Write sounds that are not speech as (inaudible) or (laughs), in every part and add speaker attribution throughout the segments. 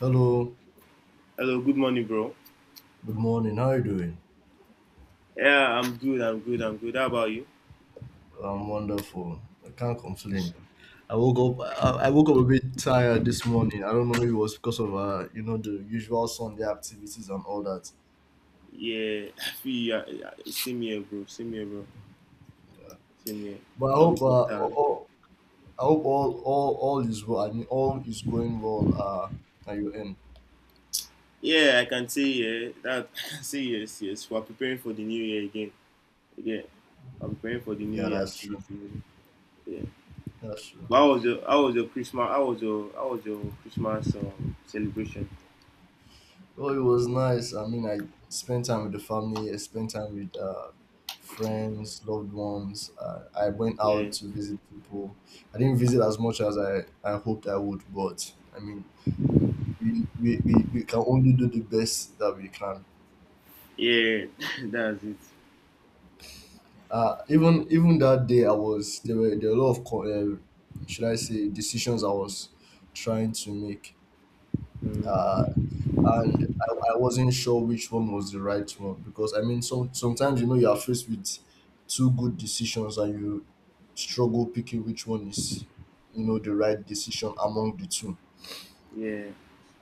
Speaker 1: Hello,
Speaker 2: Hello, good morning, bro.
Speaker 1: good morning. How are you doing?
Speaker 2: Yeah, I'm good. I'm good. How about you?
Speaker 1: I'm wonderful. I can't complain. I woke up. I woke up a bit tired this morning. I don't know. Maybe it was because of the usual Sunday activities and all that.
Speaker 2: Yeah, I feel you. Same here, bro. Same here, bro. Same here.
Speaker 1: But
Speaker 2: I hope that.
Speaker 1: I hope all is well. I mean, all is going well. At your end.
Speaker 2: Yeah, I can say yeah. That (laughs) I can say yes. We're preparing for the new year again. Again, I'm preparing for the new
Speaker 1: Yeah,
Speaker 2: year
Speaker 1: that's true.
Speaker 2: activity. Yeah.
Speaker 1: That's true.
Speaker 2: But How was your Christmas? How was your Christmas celebration?
Speaker 1: Well, it was nice. I mean, I spent time with the family. I spent time with friends, loved ones. I went
Speaker 2: Yeah.
Speaker 1: out to visit people. I didn't visit as much as I hoped I would, but I mean, we can only do the best that we can.
Speaker 2: Yeah. (laughs) That's it.
Speaker 1: Even that day, I was there were a lot of should I say decisions I was trying to make.
Speaker 2: Mm,
Speaker 1: Uh, and I wasn't sure which one was the right one, because I mean, sometimes you are faced with two good decisions, and you struggle picking which one is, the right decision among the two.
Speaker 2: yeah.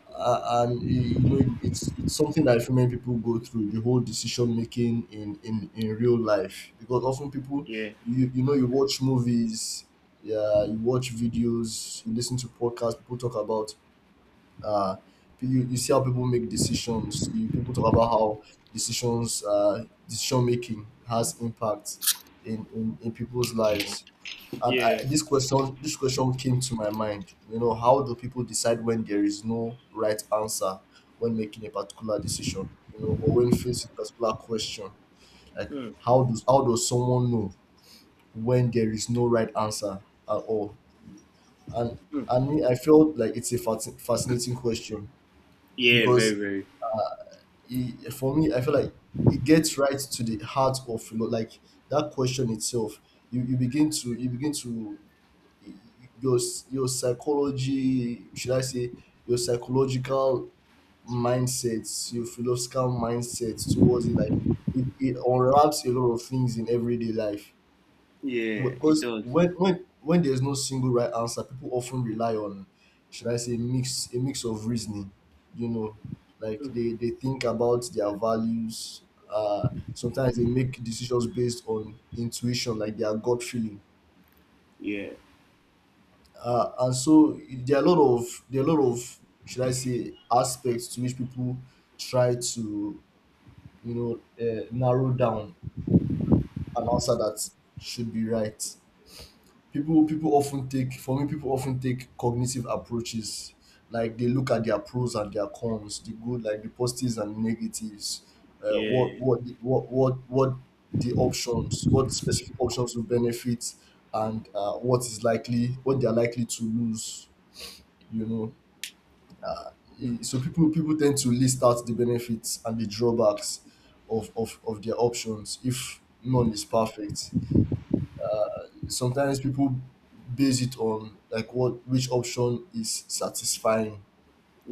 Speaker 1: You know, it's something that I many people go through, the whole decision making in real life, because often people,
Speaker 2: Yeah.
Speaker 1: you know, you watch movies, yeah, you watch videos, you listen to podcasts, people talk about, uh you see how people make decisions, you people talk about how decisions, decision making has impact in people's lives. And
Speaker 2: Yeah.
Speaker 1: this question came to my mind, you know, how do people decide when there is no right answer, when making a particular decision, or when facing a particular question, like,
Speaker 2: Mm,
Speaker 1: how does someone know when there is no right answer at all? and
Speaker 2: mm.
Speaker 1: and me, I felt like it's a fascinating question,
Speaker 2: Yeah. Very,
Speaker 1: because
Speaker 2: very.
Speaker 1: for me, I feel like it gets right to the heart of like that question itself. You, you begin to Your psychology, should I say, your psychological mindsets, your philosophical mindsets towards it, like, it unwraps a lot of things in everyday life.
Speaker 2: Yeah, it
Speaker 1: Because
Speaker 2: does.
Speaker 1: when there's no single right answer, people often rely on, should I say, mix of reasoning. You know, like,
Speaker 2: Mm.
Speaker 1: they think about their values. Sometimes they make decisions based on intuition, like their gut feeling.
Speaker 2: Yeah,
Speaker 1: And so there are a lot of, should I say, aspects to which people try to, narrow down an answer that should be right. People often take cognitive approaches, like they look at their pros and their cons, the good, like the positives and negatives. uh, what
Speaker 2: yeah.
Speaker 1: what what what what what specific options will benefit, and what they are likely to lose, you know.
Speaker 2: Mm.
Speaker 1: So people tend to list out the benefits and the drawbacks of their options if none is perfect. Sometimes people base it on, like, what which option is satisfying,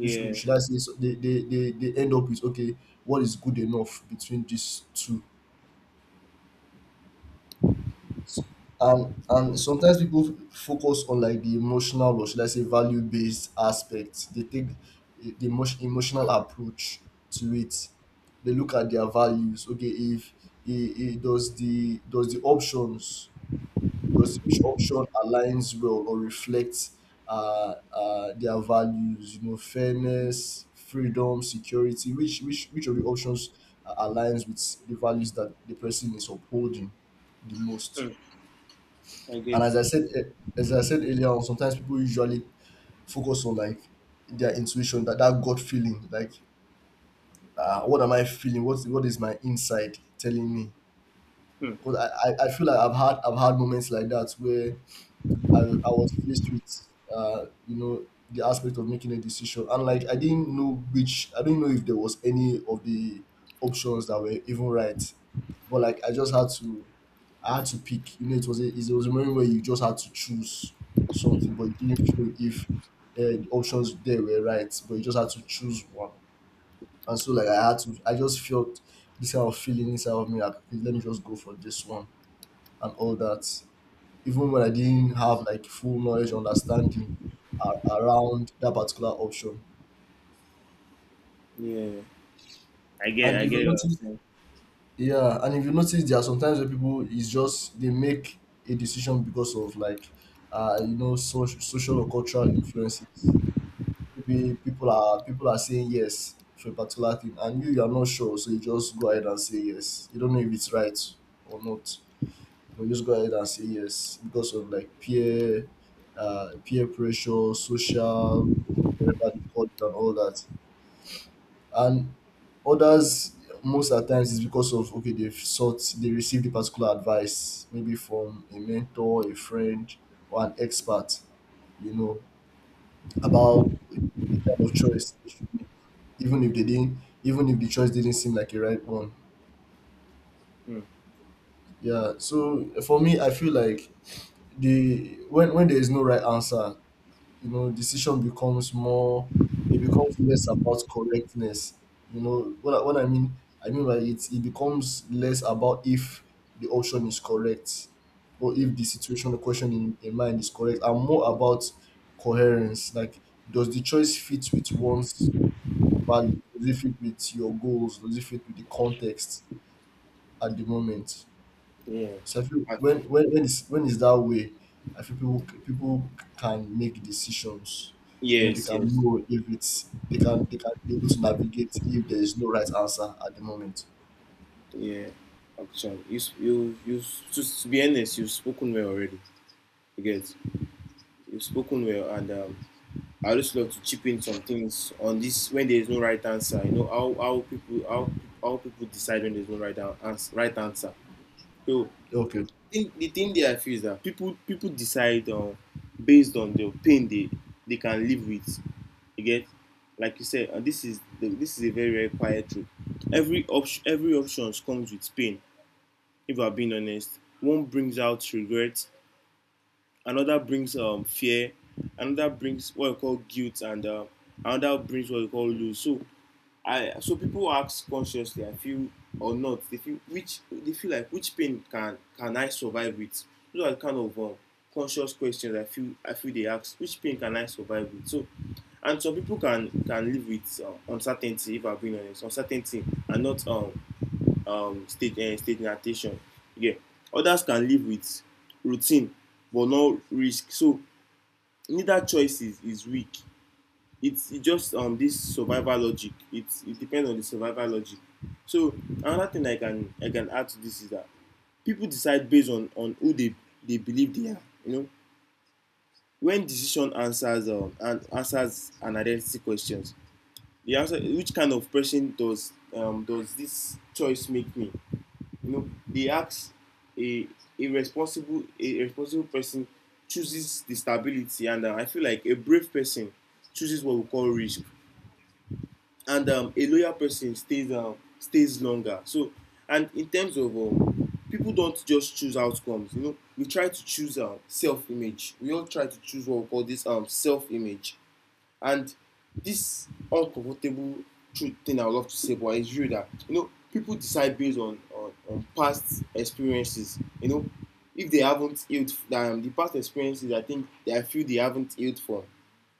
Speaker 1: which, should I say, so they end up with, okay, what is good enough between these two? And sometimes people focus on, like, the emotional, or should I say, value based aspect. They take the emotional approach to it. They look at their values. Okay, if does each option aligns well or reflects their values? You know, fairness, freedom, security. Which of the options aligns with the values that the person is upholding the most?
Speaker 2: Mm. I
Speaker 1: And
Speaker 2: get.
Speaker 1: as I said earlier on, sometimes people usually focus on, like, their intuition, that gut feeling, like, what am I feeling? What is my inside telling me?
Speaker 2: Mm.
Speaker 1: Because I feel like I've had moments like that where I was faced with, the aspect of making a decision. And, like, I didn't know if there was any of the options that were even right. But, like, I had to pick. You know, it was a moment where you just had to choose something, but you didn't feel if the options there were right, but you just had to choose one. And so, like, I just felt this kind of feeling inside of me, like, okay, let me just go for this one and all that, even when I didn't have, like, full knowledge or understanding around that particular option.
Speaker 2: Yeah, I get.
Speaker 1: And
Speaker 2: I
Speaker 1: if you
Speaker 2: get what I'm
Speaker 1: notice,
Speaker 2: saying.
Speaker 1: yeah, and if you notice, there are sometimes where people is just they make a decision because of, like, social or cultural influences. Maybe people are saying yes to a particular thing, and you are not sure, so you just go ahead and say yes. You don't know if it's right or not, but you just go ahead and say yes because of, like, peer pressure, social whatever they call it, and all that. And others most at times is because of, okay, they received a particular advice, maybe from a mentor, a friend or an expert, you know, about the kind of choice they should make. Even if the choice didn't seem like a right one.
Speaker 2: Mm.
Speaker 1: Yeah. So for me, I feel like, the when there is no right answer, decision becomes more it becomes less about correctness. You know what I mean by it becomes less about if the option is correct, or
Speaker 2: Mm.
Speaker 1: if the situation, the question in mind is correct, and more about coherence. Like, does the choice fit with one's value, does it fit with your goals, does it fit with the context at the moment?
Speaker 2: Yeah.
Speaker 1: So I feel
Speaker 2: Actu-
Speaker 1: when is that way, I feel people can make decisions. You know, they
Speaker 2: Yes,
Speaker 1: can
Speaker 2: yes,
Speaker 1: know if it's they can be able to navigate if there is no right answer at the moment.
Speaker 2: yeah. Actually, you s- you s- to be honest, you've spoken well already. You get. You've spoken well, and I just love to chip in some things on this when there is no right answer. How people decide when there's no right answer. So
Speaker 1: Okay.
Speaker 2: think the thing there I feel is that people decide based on the pain they can live with. You get, like you said, and this is a very quiet truth. Every option comes with pain. If I'm being honest, one brings out regret, another brings fear, another brings what you call guilt, and another brings what you call lose. So I so people ask consciously, I feel or not, they feel like which pain can I survive with? Those are kind of conscious questions I feel they ask. Which pain can I survive with? So, and some people can live with uncertainty. If I'm being honest, uncertainty and not state state adaptation. Yeah, others can live with routine but no risk. So neither choice is weak, it just this survival logic, it depends on the survival logic. So another thing I can add to this is that people decide based on who they believe they are. You know, when decision answers and answers an identity questions, the answer which kind of person does does this choice make me, you know, they ask a a responsible person chooses the stability, and I feel like a brave person chooses what we call risk, and a loyal person stays stays longer. So, and in terms of people don't just choose outcomes. You know, we try to choose self image. We all try to choose what we call this self image. And this uncomfortable truth thing I would love to say, but it's real, that you know people decide based on on past experiences. You know, if they haven't healed the past experiences, I think they feel they haven't healed from.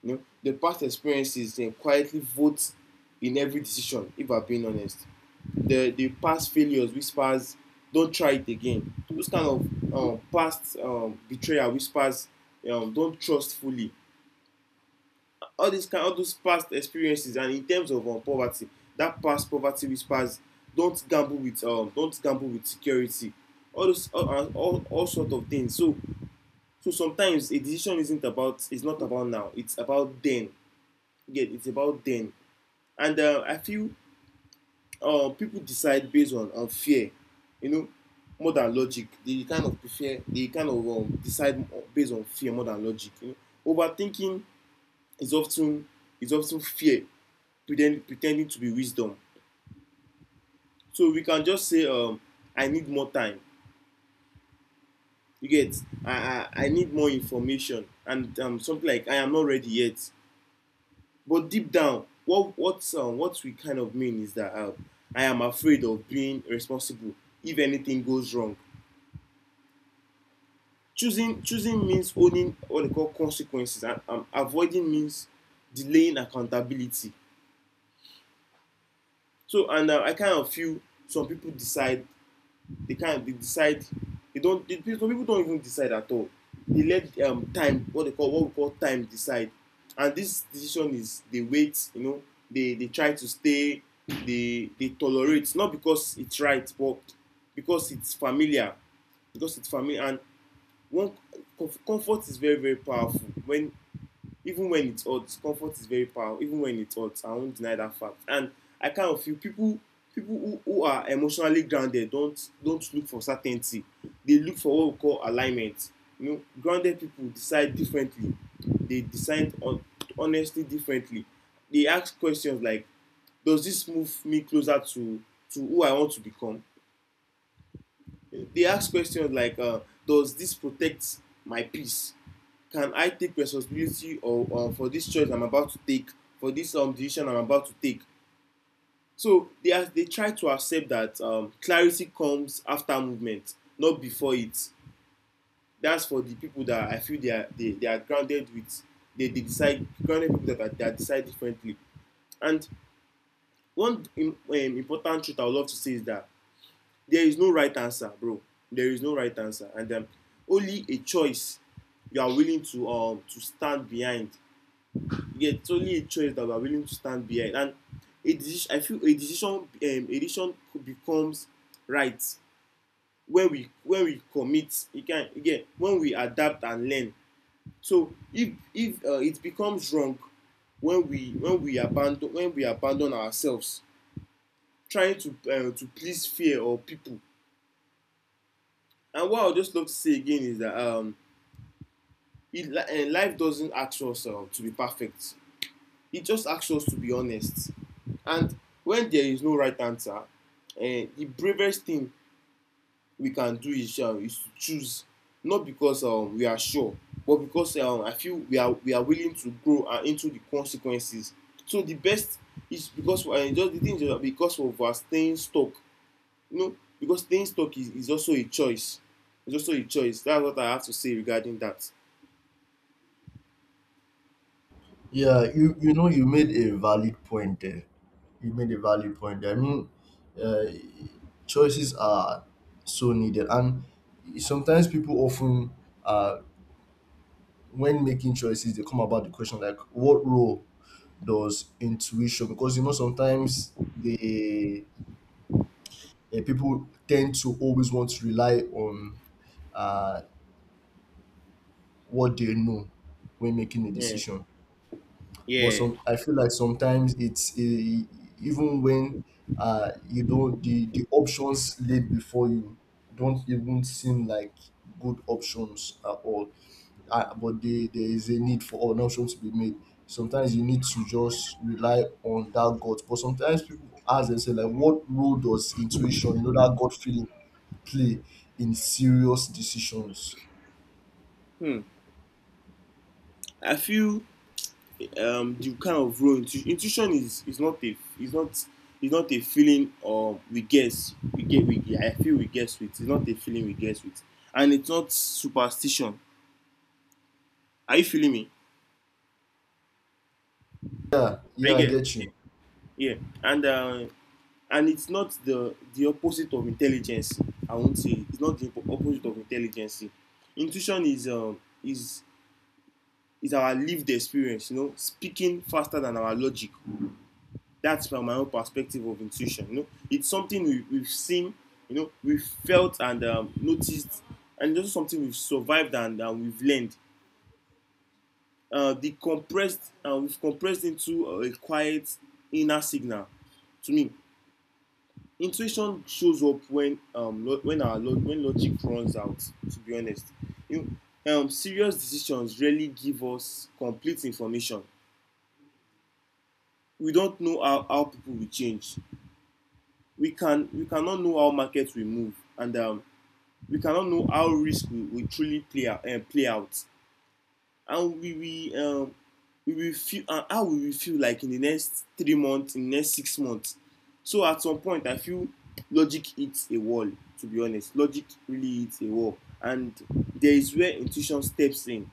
Speaker 2: You know, the past experiences, they quietly vote in every decision. If I'm being honest, the past failures whispers, don't try it again. Those kind of past betrayal whispers, don't trust fully, all these kind, all those past experiences. And in terms of poverty, that past poverty whispers, don't gamble with, don't gamble with security, all those, all sort of things. So so sometimes a decision isn't about it's not about now, it's about then. Yeah, it's about then. And I feel people decide based on fear, you know, more than logic. They kind of prefer, they kind of decide based on fear more than logic. You know, overthinking is often, is often fear pretending to be wisdom. So we can just say, I need more time, you get, i I need more information, and something like I am not ready yet. But deep down, what what we kind of mean is that, I am afraid of being responsible if anything goes wrong. Choosing means owning what they call consequences, and avoiding means delaying accountability. So and I kind of feel some people decide, they can't they decide they don't, they, some people don't even decide at all. They let time, what we call time decide. And this decision is, they wait, you know, they try to stay, they tolerate, not because it's right but because it's familiar, because it's familiar. And one, comfort is very powerful when, even when it's hot, comfort is very powerful. Even when it's hot, I won't deny that fact. And I kind of feel people who are emotionally grounded don't look for certainty. They look for what we call alignment. You know, grounded people decide differently. They decide on honestly differently. They ask questions like, does this move me closer to who I want to become? They ask questions like, does this protect my peace, can I take responsibility, or for this choice I'm about to take, for this decision I'm about to take? So they are, they try to accept that clarity comes after movement, not before it. That's for the people that I feel they are, they are grounded with, they decide, grounded people that, that decide differently. And one, important truth I would love to say is that there is no right answer, bro. There is no right answer, and only a choice you are willing to, to stand behind. Yeah, it's only a choice that we are willing to stand behind. And a decision, I feel a decision, a decision becomes right when we commit, you can again, when we adapt and learn. So if it becomes wrong when we abandon, when we abandon ourselves, trying to, to please fear or people. And what I would just love to say again is that, life doesn't ask us, to be perfect. It just asks us to be honest. And when there is no right answer, the bravest thing we can do is to choose, not because we are sure, but because I feel we are, we are willing to grow, into the consequences. So the best is because just the thing is that, because of our staying stuck, no, because staying stuck is also a choice. It's also a choice. That's what I have to say regarding that.
Speaker 1: Yeah, you know, you made a valid point there. You made a valid point there. I mean, uh, choices are so needed, and sometimes people often, uh, when making choices, they come about the question, like, what role does intuition, because sometimes the people tend to always want to rely on uh, what they know when making a
Speaker 2: Yeah.
Speaker 1: decision. But
Speaker 2: Yeah.
Speaker 1: some, I feel like sometimes it's even when you don't the options laid before you don't even seem like good options at all, but there is a need for an option to be made. Sometimes you need to just rely on that gut. But sometimes people ask themselves, like, what role does intuition, that gut feeling, play in serious decisions?
Speaker 2: Hmm. I feel the kind of role, intuition is, not, is not a feeling or we guess, we get we I feel we guess with. It's not a feeling we guess with, and it's not superstition. Are you feeling me?
Speaker 1: Yeah, yeah,
Speaker 2: I
Speaker 1: I
Speaker 2: get.
Speaker 1: get
Speaker 2: Yeah.
Speaker 1: you.
Speaker 2: Yeah. And uh, and it's not the opposite of intelligence. I won't say, it's not the opposite of intelligence. Intuition is, is our lived experience, you know, speaking faster than our logic. That's from my own perspective of intuition. You know, it's something we, we've seen you know, we've felt and noticed, and it's also something we've survived, and we've learned, the compressed we've compressed into a quiet inner signal. To me, intuition shows up when logic runs out, to be honest. You, serious decisions rarely give us complete information. We don't know how people will change, we cannot know how market will move, and we cannot know how risk will truly play out, play out. And we will feel, and how we will feel like in the next 3 months, in the next 6 months. So at some point I feel logic hits a wall. To be honest, logic really hits a wall, and there is where intuition steps in,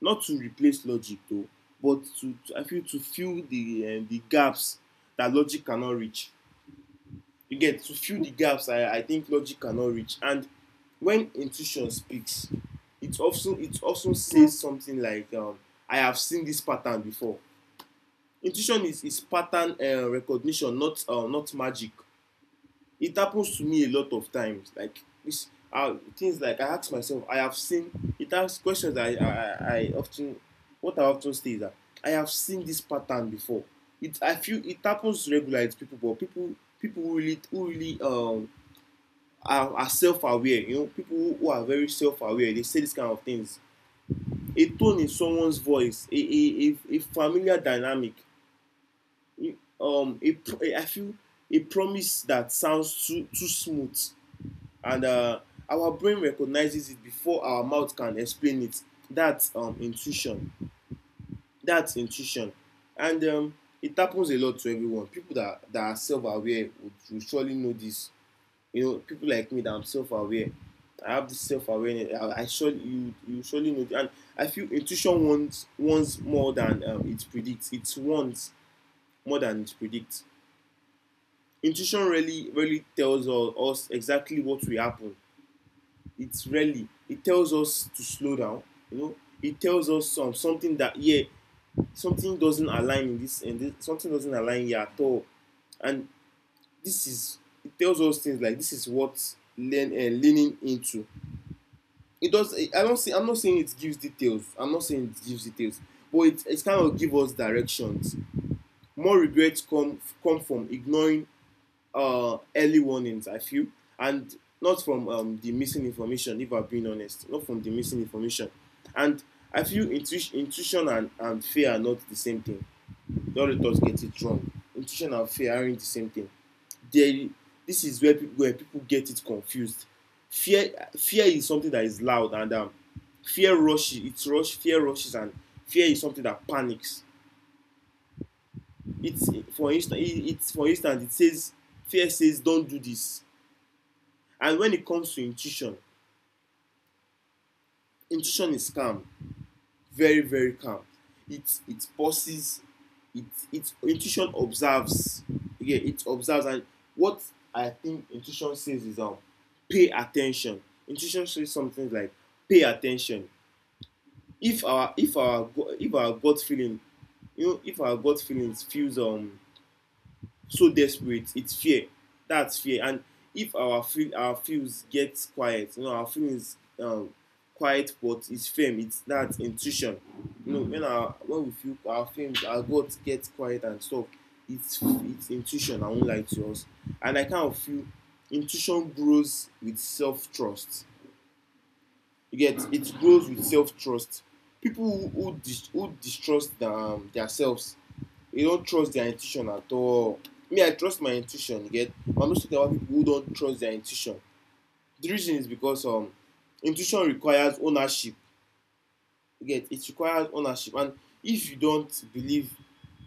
Speaker 2: not to replace logic though, but to, I feel, to fill the, the gaps that logic cannot reach. You get, to fill the gaps, I think logic cannot reach. And when intuition speaks, it often, it often says something like, I have seen this pattern before. Intuition is pattern, recognition, not, not magic. It happens to me a lot of times, like this, things like, I ask myself I have seen it asks questions. I often What I often say is that I have seen this pattern before. It, I feel it happens regularly to people, but people who really, who really, are self-aware. You know, people are very self-aware, they say this kind of things. A tone in someone's voice, a familiar dynamic, feel, a promise that sounds too smooth. And our brain recognizes it before our mouth can explain it. That's intuition. That's intuition. And it happens a lot to everyone. People that are self-aware would surely know this. You know, people like me that I'm self-aware. I have this self-awareness. I surely you surely know. And I feel intuition wants more than it predicts. It wants more than it predicts. Intuition really really tells us exactly what will happen. It's really, it tells us to slow down. You know, it tells us something that, yeah, something doesn't align in this and this, something doesn't align here at all, and this is it tells us things like this is what leaning into it does. I don't see I'm not saying it gives details, I'm not saying it gives details, but it's kind of give us directions. More regrets come from ignoring early warnings, I feel, and not from the missing information, if I'm being honest, not from the missing information. And I feel intuition and fear are not the same thing. The other thoughts get it wrong, intuition and fear aren't the same thing. Then this is where people get it confused. Fear is something that is loud, and fear rushes. It's rush Fear rushes, and fear is something that panics. It's For instance, it for instance it says, fear says don't do this. And when it comes to intuition, intuition is calm, very very calm. It pauses. it it Intuition observes, yeah, it observes. And what I think intuition says is pay attention. Intuition says something like pay attention. if our if our if our gut feeling, you know, if our gut feelings feels so desperate, it's fear. That's fear. And if our feels get quiet, you know, our feelings, quiet but it's firm, it's that intuition. You know, when our when we feel our feelings, our gut gets quiet and stuff, it's intuition. I won't lie to us. And I kind of feel intuition grows with self trust. You get, it grows with self trust. People who distrust their, their, you don't trust their intuition at all. Me, I trust my intuition, you get, but I'm just talking about people who don't trust their intuition. The reason is because intuition requires ownership. You get, it requires ownership, and if you don't believe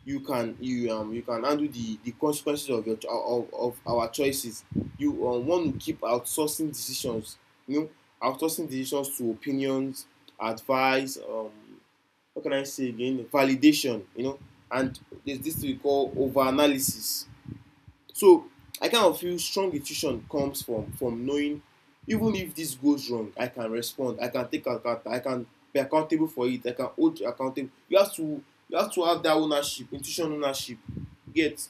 Speaker 2: you can, you can handle the consequences of your, of our choices, you want to keep outsourcing decisions. You know, outsourcing decisions to opinions, advice, what can I say again? Validation, you know. And there's this we call over analysis. So I kind of feel strong intuition comes from knowing, even if this goes wrong, I can respond, I can take account, I can be accountable for it, I can hold accountable. You have to have that ownership, intuition ownership. Yet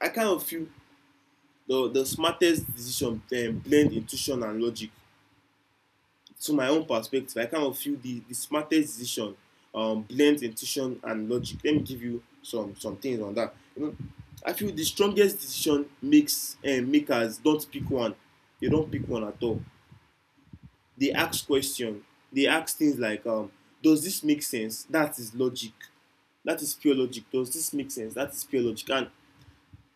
Speaker 2: I kind of feel the smartest decision blend intuition and logic. To my own perspective, I kind of feel the smartest decision blends intuition and logic. Let me give you some things on that. You know, I feel the strongest decision makes makers don't pick one. They don't pick one at all. They ask question. They ask things like, "Does this make sense?" That is logic. That is pure logic. Does this make sense? That is pure logic. And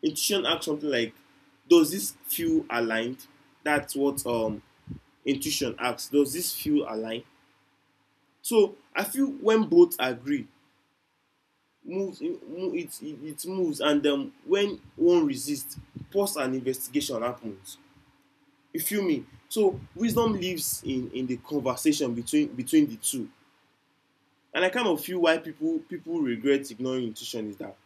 Speaker 2: intuition asks something like, "Does this feel aligned?" That's what intuition asks. Does this feel aligned? So I feel when both agree, moves it moves, and then, when one resists, pause and investigation happens. You feel me? So wisdom lives in the conversation between the two, and I kind of feel why people regret ignoring intuition is that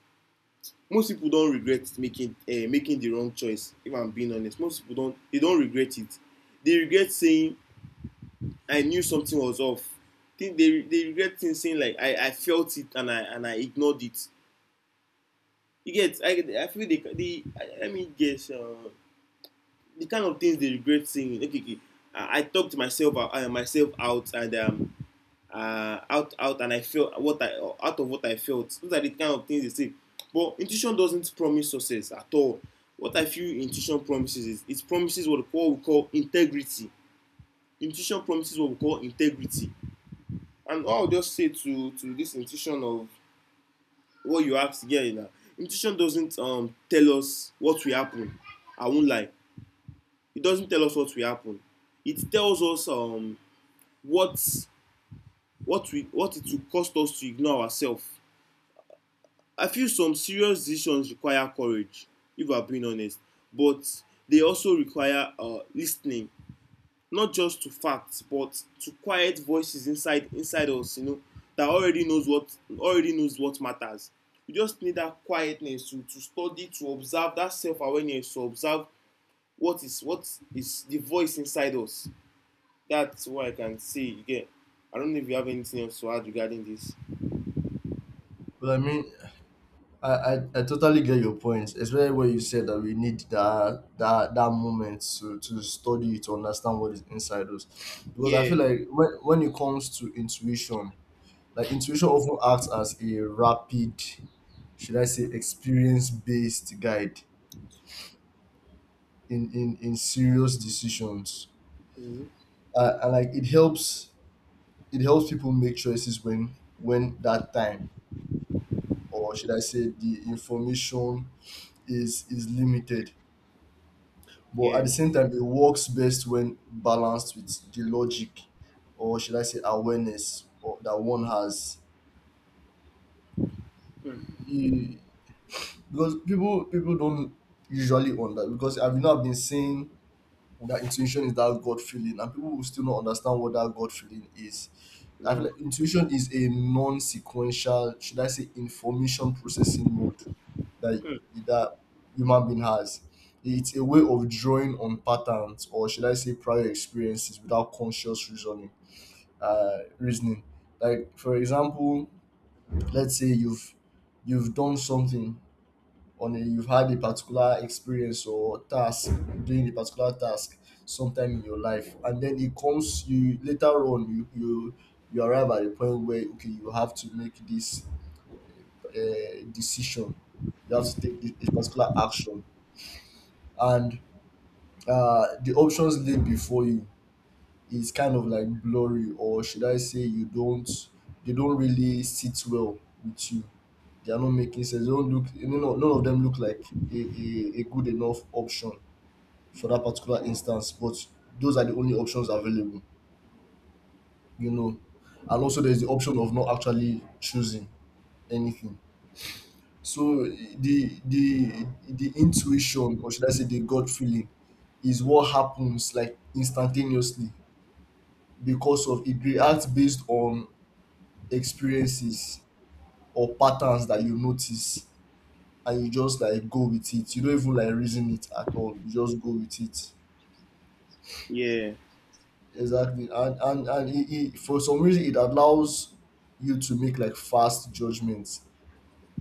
Speaker 2: most people don't regret making the wrong choice. If I'm being honest, most people don't, they don't regret it. They regret saying, I knew something was off. They regret things saying like, I felt it and I ignored it. You get, I feel the let me guess, the kind of things they regret seeing. Okay, I talked myself out, and out out and I felt what I, out of what I felt, those are the kind of things they say. But intuition doesn't promise success at all. What I feel intuition promises is, it promises what we call integrity. Intuition promises what we call integrity. And I'll just say to this intuition of what you ask here is that intuition doesn't, tell us what will happen. I won't lie, it doesn't tell us what will happen. It tells us, what what we what it will cost us to ignore ourselves. I feel some serious decisions require courage, if I'm being honest, but they also require lis, not just to facts but to quiet voices inside us, you know, that already knows what, already knows what matters. You just need that quietness to study, to observe, that self-awareness to observe what is, what is the voice inside us. That's what I can say again. I don't know if you have anything else to add regarding this.
Speaker 1: But I mean, I totally get your point, especially when you said that we need that moment to study to understand what is inside us. Because I feel
Speaker 2: Yeah.
Speaker 1: like, when it comes to intuition, like, intuition often acts as a rapid, should I say, experience based guide in serious decisions.
Speaker 2: Hmm.
Speaker 1: And, like, it helps people make choices when that time, or should I say, the information, is limited. But at the
Speaker 2: Yeah.
Speaker 1: same time, it works best when balanced with the logic, or should I say, awareness, or that one has.
Speaker 2: Mm.
Speaker 1: You- Because people don't usually on that, because I've not been seeing that intuition is that God feeling, and people will still not understand what that God feeling is. I feel
Speaker 2: No.
Speaker 1: like intuition is a non-sequential, should I say, information processing mode that that human being has. It's a way of drawing on patterns, or should I say, prior experiences without conscious reasoning. Reasoning. Like, for example, let's say you've done something, on a you've had a particular experience or task doing a particular task sometime in your life, and then it comes you later on, you arrive at a point where, okay, you have to make this, decision, you have to take this particular action. And the options laid before you is kind of like blurry, or should I say, you don't they don't really sit well with you, they are not making sense, they don't look, none of them look like a good enough option for that particular instance, but those are the only options available, you know. And also there's the option of not actually choosing anything. So the intuition, or should I say the gut feeling, is what happens like instantaneously because of it reacts based on experiences or patterns that you notice, and you just like go with it. You don't even like reason it at all. You just go with it.
Speaker 2: Yeah,
Speaker 1: Exactly, and and for some reason it allows you to make like fast judgments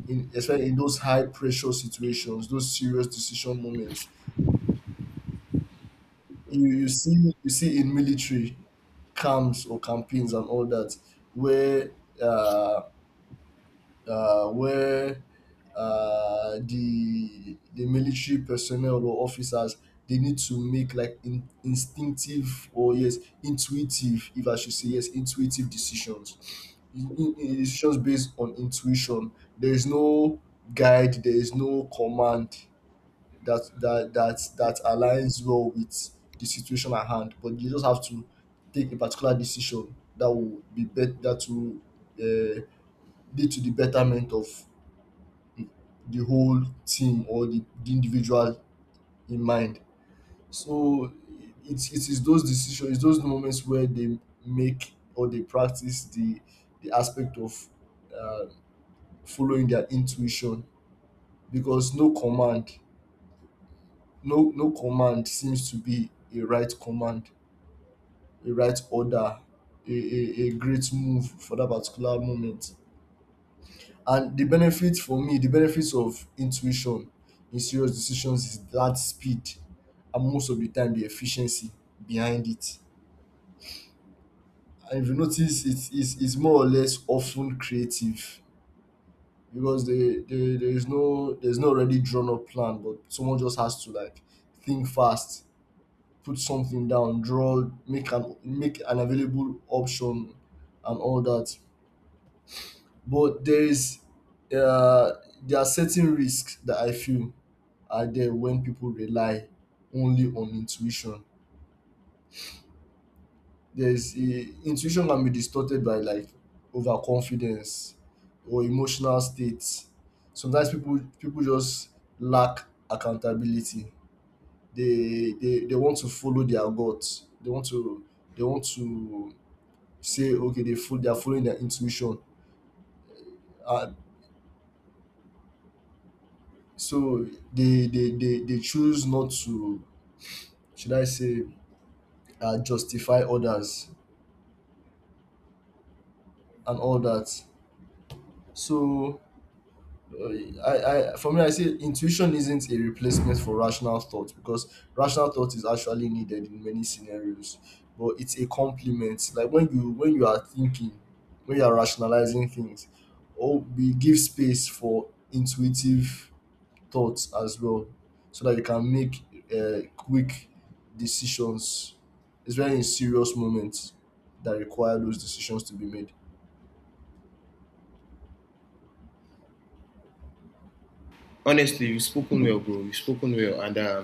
Speaker 1: in, especially in those high pressure situations, those serious decision moments. You see, you see in military camps or campaigns and all that, where uh where, the military personnel or officers, they need to make like instinctive or, yes, intuitive, if I should say, yes, intuitive decisions. Decisions based on intuition, there is no guide, there is no command that that aligns well with the situation at hand, but you just have to take a particular decision that will be better, that will, uh, lead to the betterment of the whole team or the individual in mind. So it is those decisions, it's those moments where they make or they practice the aspect of uh, following their intuition, because no command, no command seems to be a right command, a right order, a great move for that particular moment. And the benefits, for me, the benefits of intuition in serious decisions is that speed and most of the time the efficiency behind it. And if you notice, it's more or less often creative, because there is no, there's no already drawn up plan, but someone just has to like think fast, put something down, draw, make an available option, and all that. But there is, uh, there are certain risks that I feel are there when people rely only on intuition. Intuition can be distorted by like overconfidence or emotional states. Sometimes people just lack accountability. They want to follow their gut. They want to, they want to say, okay, they are following their intuition. Uh, So they choose not to, should I say, justify others and all that. So, uh, I for me, I say intuition isn't a replacement for rational thought, because rational thought is actually needed in many scenarios, but it's a complement. Like when you are thinking, when you are rationalizing things, or we give space for intuitive thoughts as well, so that you can make quick decisions, especially in serious moments that require those decisions to be made.
Speaker 2: honestly you've spoken well, bro, you've spoken well. And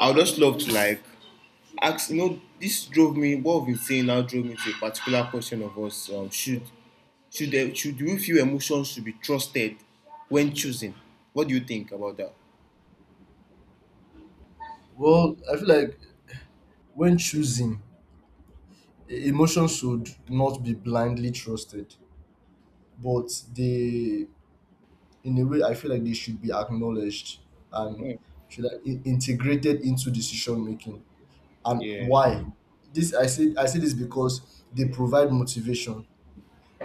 Speaker 2: I would just love to, like, ask, you know, this drove me what we've been saying now drove me to a particular question of us, should there, should do we feel emotions should be trusted when choosing? What do you think about that?
Speaker 1: Well, I feel like when choosing, emotions should not be blindly trusted, but they, in a way I feel like they should be acknowledged and
Speaker 2: Mm.
Speaker 1: should, like, integrated into decision making. And
Speaker 2: Yeah.
Speaker 1: why? This I say, I say this because they provide motivation,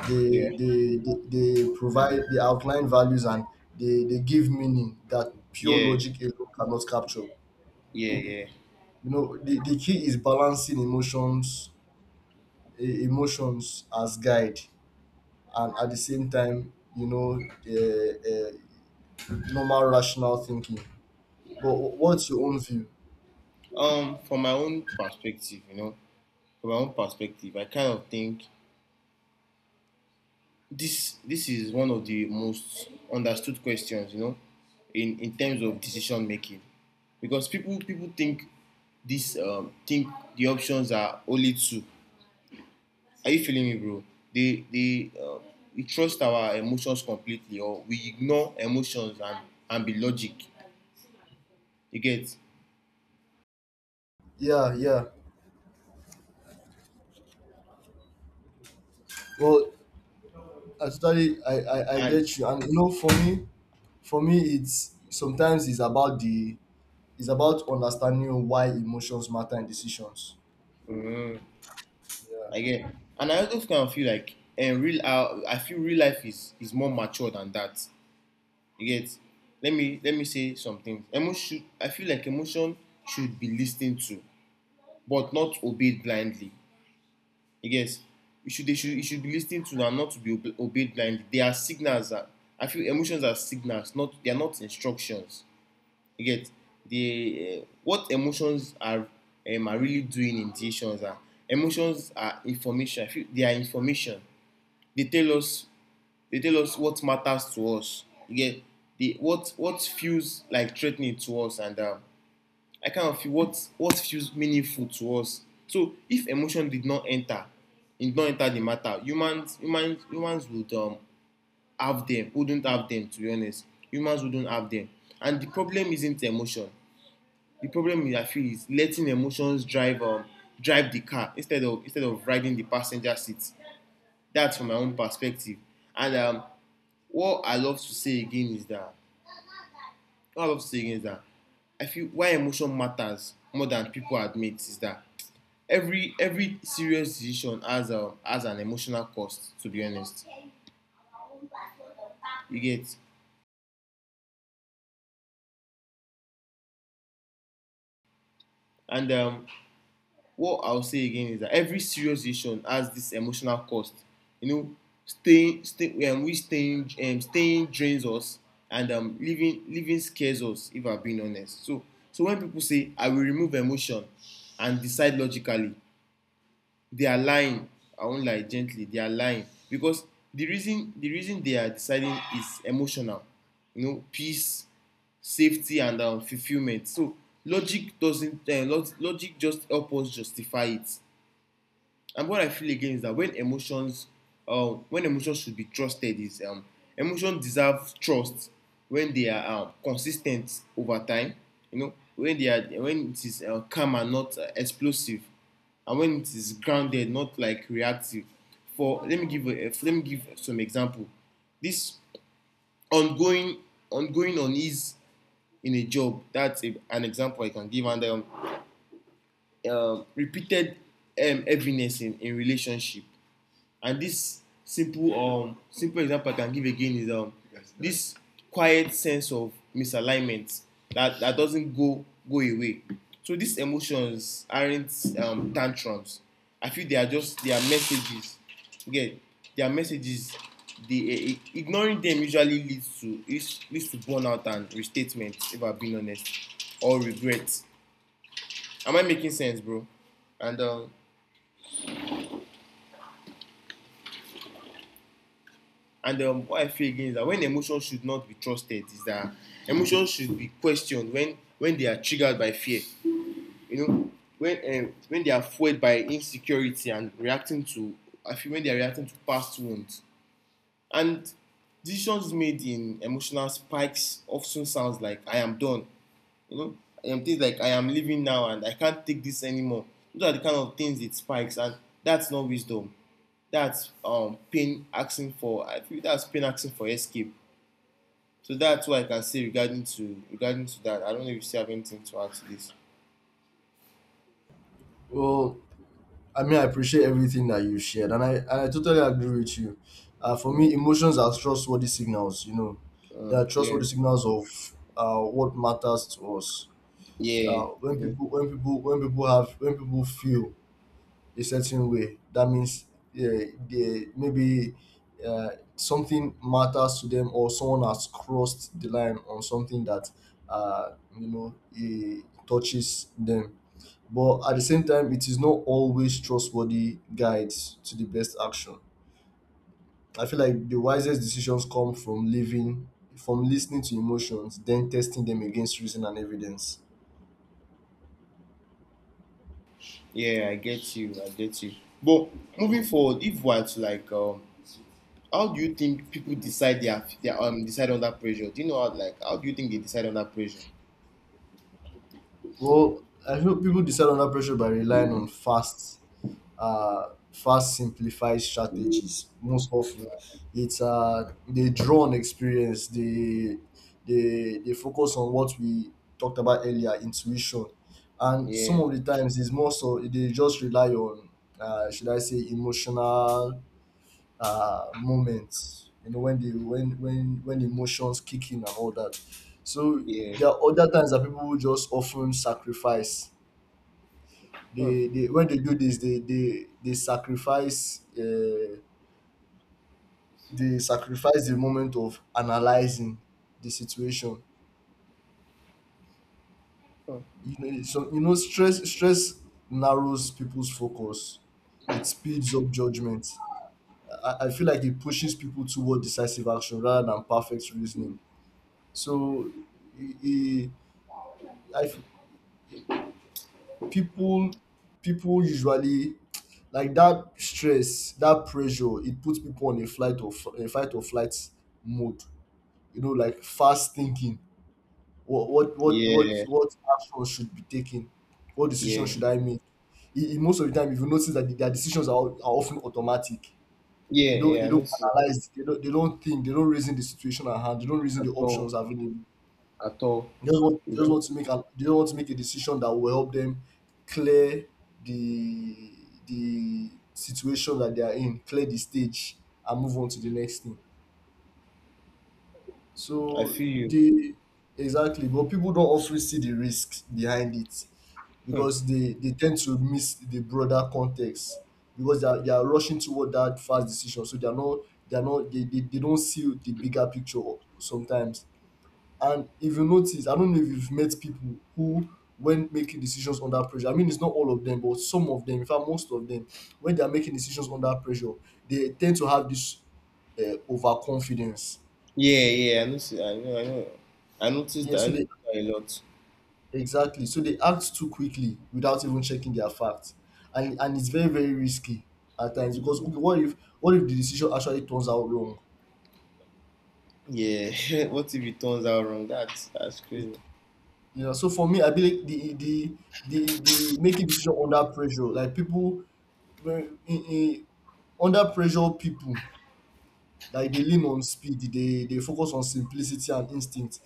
Speaker 1: they,
Speaker 2: Yeah.
Speaker 1: they provide, they outline values, and they give meaning that pure
Speaker 2: Yeah.
Speaker 1: logic alone cannot capture. You
Speaker 2: Yeah. Yeah.
Speaker 1: know, the key is balancing emotions, emotions as guide, and at the same time, you know, uh, uh, normal rational thinking. But what's your own view?
Speaker 2: From my own perspective, you know, from my own perspective I kind of think this is one of the most understood questions, you know, in terms of decision making, because people think this think the options are only two. Are you feeling me, bro? They We trust our emotions completely, or we ignore emotions and be logic. You get.
Speaker 1: Yeah, yeah. Well, actually, I
Speaker 2: And
Speaker 1: get you. And you know, for me, for me it's, sometimes it's about the, it's about understanding why emotions matter in decisions.
Speaker 2: mm,
Speaker 1: Yeah.
Speaker 2: I get. And I also kind of feel like, and real I feel real life is more mature than that. You get. Let me say something. Emotion I feel like emotion should be listened to, but not obeyed blindly. You get? You should be listening to and not to be obeyed blindly. They are signals. I feel emotions are signals. Not They are not instructions. You get? They What emotions are, are really doing in decisions are, emotions are information. I feel they are information. They tell us they tell us what matters to us. You get? What feels like threatening to us, and I kind of feel what feels meaningful to us. So if emotion did not enter the matter, humans would, have them, wouldn't have them, to be honest. Humans wouldn't have them. And the problem isn't emotion. The problem is, I feel, is letting emotions drive the car instead of riding the passenger seat. That's from my own perspective. And what I love to say again is that what I love to say again is that I feel why emotion matters more than people admit is that every serious decision has an emotional cost, to be honest, you get. And what I'll say again is that every serious decision has this emotional cost, you know. Staying stay we staying Staying drains us, and living scares us, if I'm being honest. So so when people say, I will remove emotion and decide logically, they are lying. I won't lie gently, they are lying, because the reason they are deciding is emotional. You know, peace, safety, and, fulfillment. So logic doesn't, logic just help us justify it. And what I feel again is that when emotions should be trusted is, emotions deserve trust when they are, consistent over time. You know, when they are when it is calm and not explosive, and when it is grounded, not like reactive. For Let me give some example. This ongoing ongoing unease in a job, that's an example I can give. And Repeated heaviness in relationship, and this simple simple example I can give again is this quiet sense of misalignment that doesn't go away. So these emotions aren't tantrums. I feel they are just they are messages. Again, they are messages. The Ignoring them usually leads to to burnout and restatement if I have been honest, or regret. Am I making sense, bro? and um And What I feel again is that when emotions should not be trusted, is that emotions should be questioned when they are triggered by fear. You know, when when they are fueled by insecurity and reacting to, I feel when they are reacting to past wounds. And decisions made in emotional spikes often sounds like I am done. You know, I am things like I am leaving now and I can't take this anymore. Those are the kind of things it spikes, and that's not wisdom. That's pain asking for. I feel that's pain asking for escape. So that's what I can say regarding to regarding to that. I don't know if you still have anything to add to this.
Speaker 1: Well, I mean, I appreciate everything that you shared, and I totally agree with you. For
Speaker 2: Yeah,
Speaker 1: me, emotions are trustworthy signals. You know, they are
Speaker 2: yeah,
Speaker 1: trustworthy signals of, what matters to us.
Speaker 2: yeah,
Speaker 1: When
Speaker 2: definitely.
Speaker 1: people when people when people have when people feel a certain way, that means, yeah, they maybe, uh, something matters to them, or someone has crossed the line on something that, uh, you know, it touches them. But at the same time, it is not always trustworthy guides to the best action. I feel like the wisest decisions come from living, from listening to emotions, then testing them against reason and evidence.
Speaker 2: Yeah. I get you. I get you. But moving forward, if we're to like, how do you think people decide their decide under pressure? Do you know how, like how do you think they decide under pressure?
Speaker 1: Well, I feel people decide under pressure by relying on fast, fast simplified strategies. Most often, it's, they draw on experience. They they focus on what we talked about earlier, intuition, and some
Speaker 2: Yeah,
Speaker 1: of the times it's more so they just rely on, should I say, emotional, moments, you know, when the when emotions kick in and all that. So
Speaker 2: yeah,
Speaker 1: there are other times that people will just often sacrifice,
Speaker 2: huh,
Speaker 1: they when they do this, they sacrifice, they sacrifice the moment of analyzing the situation.
Speaker 2: huh.
Speaker 1: You know, so you know, stress, stress narrows people's focus, it speeds up judgment. I feel like it pushes people toward decisive action rather than perfect reasoning. So, e- e- I f- people people usually, like that stress, that pressure, it puts people on a flight or f- a fight or flight mode. You know, like fast thinking.
Speaker 2: Yeah,
Speaker 1: What action should be taken? What decision
Speaker 2: yeah,
Speaker 1: should I make? Most of the time, if you notice that their decisions are, are often automatic.
Speaker 2: yeah,
Speaker 1: They
Speaker 2: yeah. I
Speaker 1: don't
Speaker 2: don't see
Speaker 1: analyze. They don't think. They don't reason the situation at hand. They don't reason
Speaker 2: that
Speaker 1: the
Speaker 2: at all,
Speaker 1: options available.
Speaker 2: at all.
Speaker 1: They
Speaker 2: You
Speaker 1: just
Speaker 2: know,
Speaker 1: want to make an they just want to make a decision that will help them clear the the situation that they are in, clear the stage, and move on to the next thing.
Speaker 2: I
Speaker 1: So
Speaker 2: feel you.
Speaker 1: the exactly, but people don't often see the risks behind it,
Speaker 2: Huh.
Speaker 1: because they tend to miss the broader context, because they are rushing toward that fast decision, so they are not, they don't see the bigger picture sometimes. And if you notice, I don't know if you've met people who, when making decisions under pressure, I mean, it's not all of them, but some of them, in fact, most of them, when they are making decisions under pressure, they tend to have this, overconfidence.
Speaker 2: Yeah, yeah, I noticed. I know, I know. I noticed
Speaker 1: Yeah,
Speaker 2: that. I
Speaker 1: so
Speaker 2: noticed
Speaker 1: they,
Speaker 2: that a lot.
Speaker 1: exactly, so they act too quickly without even checking their facts, and it's very, very risky at times, because, okay, what if, what if the decision actually turns out wrong?
Speaker 2: Yeah. (laughs) What if it turns out wrong? That's crazy.
Speaker 1: You know, so for me, I believe the making decision under pressure, like people, When- in under pressure, people, like, they lean on speed. They focus on simplicity and instinct,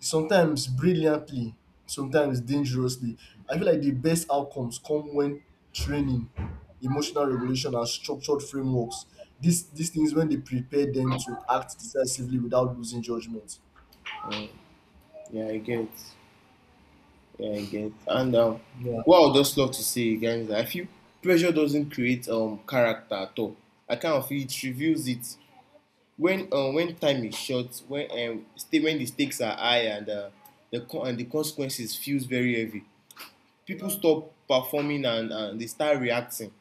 Speaker 1: sometimes brilliantly, sometimes dangerously. I feel like the best outcomes come when training, emotional regulation, and structured frameworks, these things, when they prepare them to act decisively without losing judgment.
Speaker 2: Um, yeah, I get. Yeah, I get. And
Speaker 1: Yeah,
Speaker 2: What I would just love to say, guys, is that I feel pressure doesn't create character at all. I kind of feel it reveals it when time is short, when when the stakes are high and and the consequences feels very heavy. People stop performing and they start reacting.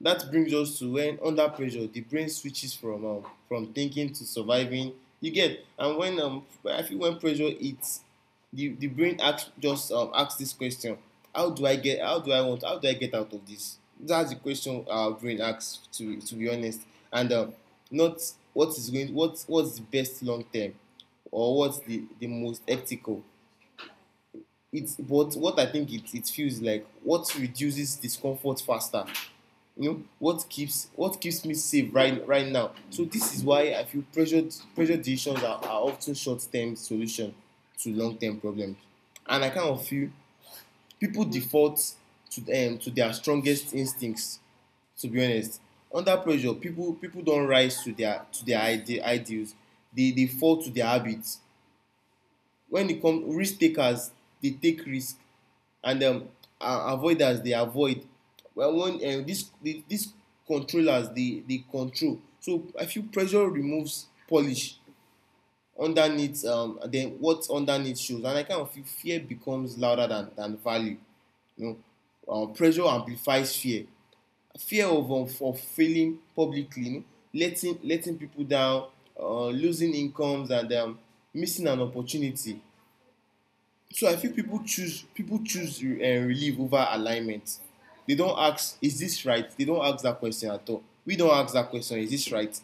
Speaker 2: That brings us to when under pressure the brain switches from thinking to surviving. You get. And when I feel when pressure hits, the brain asks just asks this question: how do I get? How do I want? How do I get out of this? That's the question our brain asks. To be honest, and not what is going, what's the best long term, or what's the most ethical. It's but what I think it it feels like what reduces discomfort faster, you know, what keeps me safe right now. So this is why I feel pressure decisions are often short-term solution to long-term problems. And I kind of feel people default to their strongest instincts, to be honest. Under pressure people, people don't rise to their ideals. They fall to their habits. When e come risk takers, they take risk. And Avoiders dey avoid. Well, when this controllers dey control. So I feel pressure removes polish. Underneath then what underneath shows, and I kind of feel fear becomes louder than value. You know, pressure amplifies fear, fear of failing publicly, you know, letting people down, losing incomes, and missing an opportunity. So I feel people choose, people choose relief over alignment. They don't ask, is this right? They don't ask that question at all. We don't ask that question, is this right?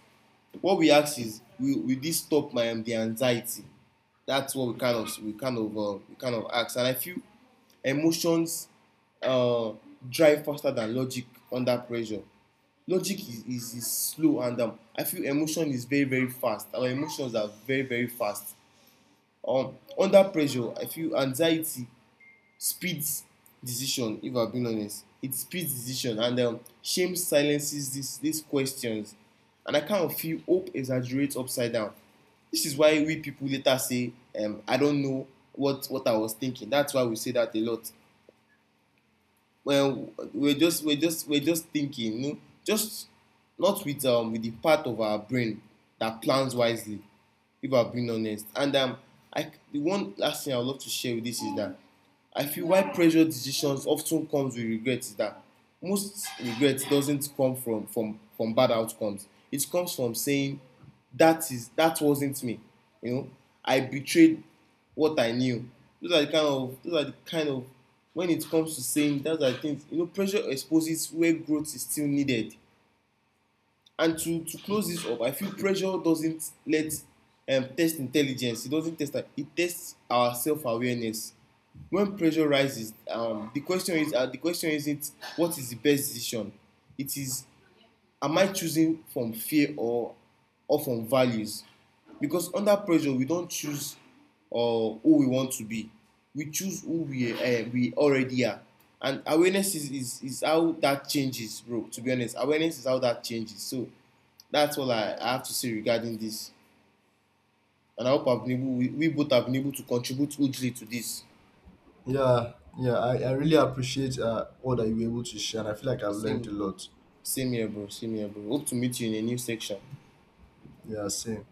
Speaker 2: What we ask is, will this stop my the anxiety? That's what we kind of we kind of we kind of ask. And I feel emotions uh, drive faster than logic under pressure. Logic is, is slow, and I feel emotion is very, very fast. Our emotions are very, very fast. Under pressure, I feel anxiety speeds decision, if I'm being honest, it speeds decision. And Shame silences this these questions, and I kind of feel hope exaggerates upside down. This is why we people later say, I don't know what I was thinking. That's why we say that a lot. Well, we're just we're just thinking, you know, just not with with the part of our brain that plans wisely, if I have been honest. And I, the one last thing I would love to share with this is that I feel why pressure decisions often comes with regret is that most regret doesn't come from bad outcomes. It comes from saying that is, that wasn't me. You know, I betrayed what I knew. Those are the kind of, those are the kind of, when it comes to saying those are things, you know, pressure exposes where growth is still needed. And to close this up, I feel pressure doesn't let test intelligence. It doesn't test our, it tests our self awareness. When pressure rises, the question is, the question isn't what is the best decision. It is, am I choosing from fear or from values? Because under pressure, we don't choose uh, who we want to be. We choose who we already are. And awareness is, is how that changes, bro. To be honest, awareness is how that changes. So that's all I have to say regarding this. And I hope I've been able, we both have been able to contribute hugely to this.
Speaker 1: yeah, yeah, I really appreciate, all that you were able to share, and I feel like I've learned a
Speaker 2: Same,
Speaker 1: lot.
Speaker 2: same here, bro. Same here, bro. Hope to meet you in a new section.
Speaker 1: Yeah, same.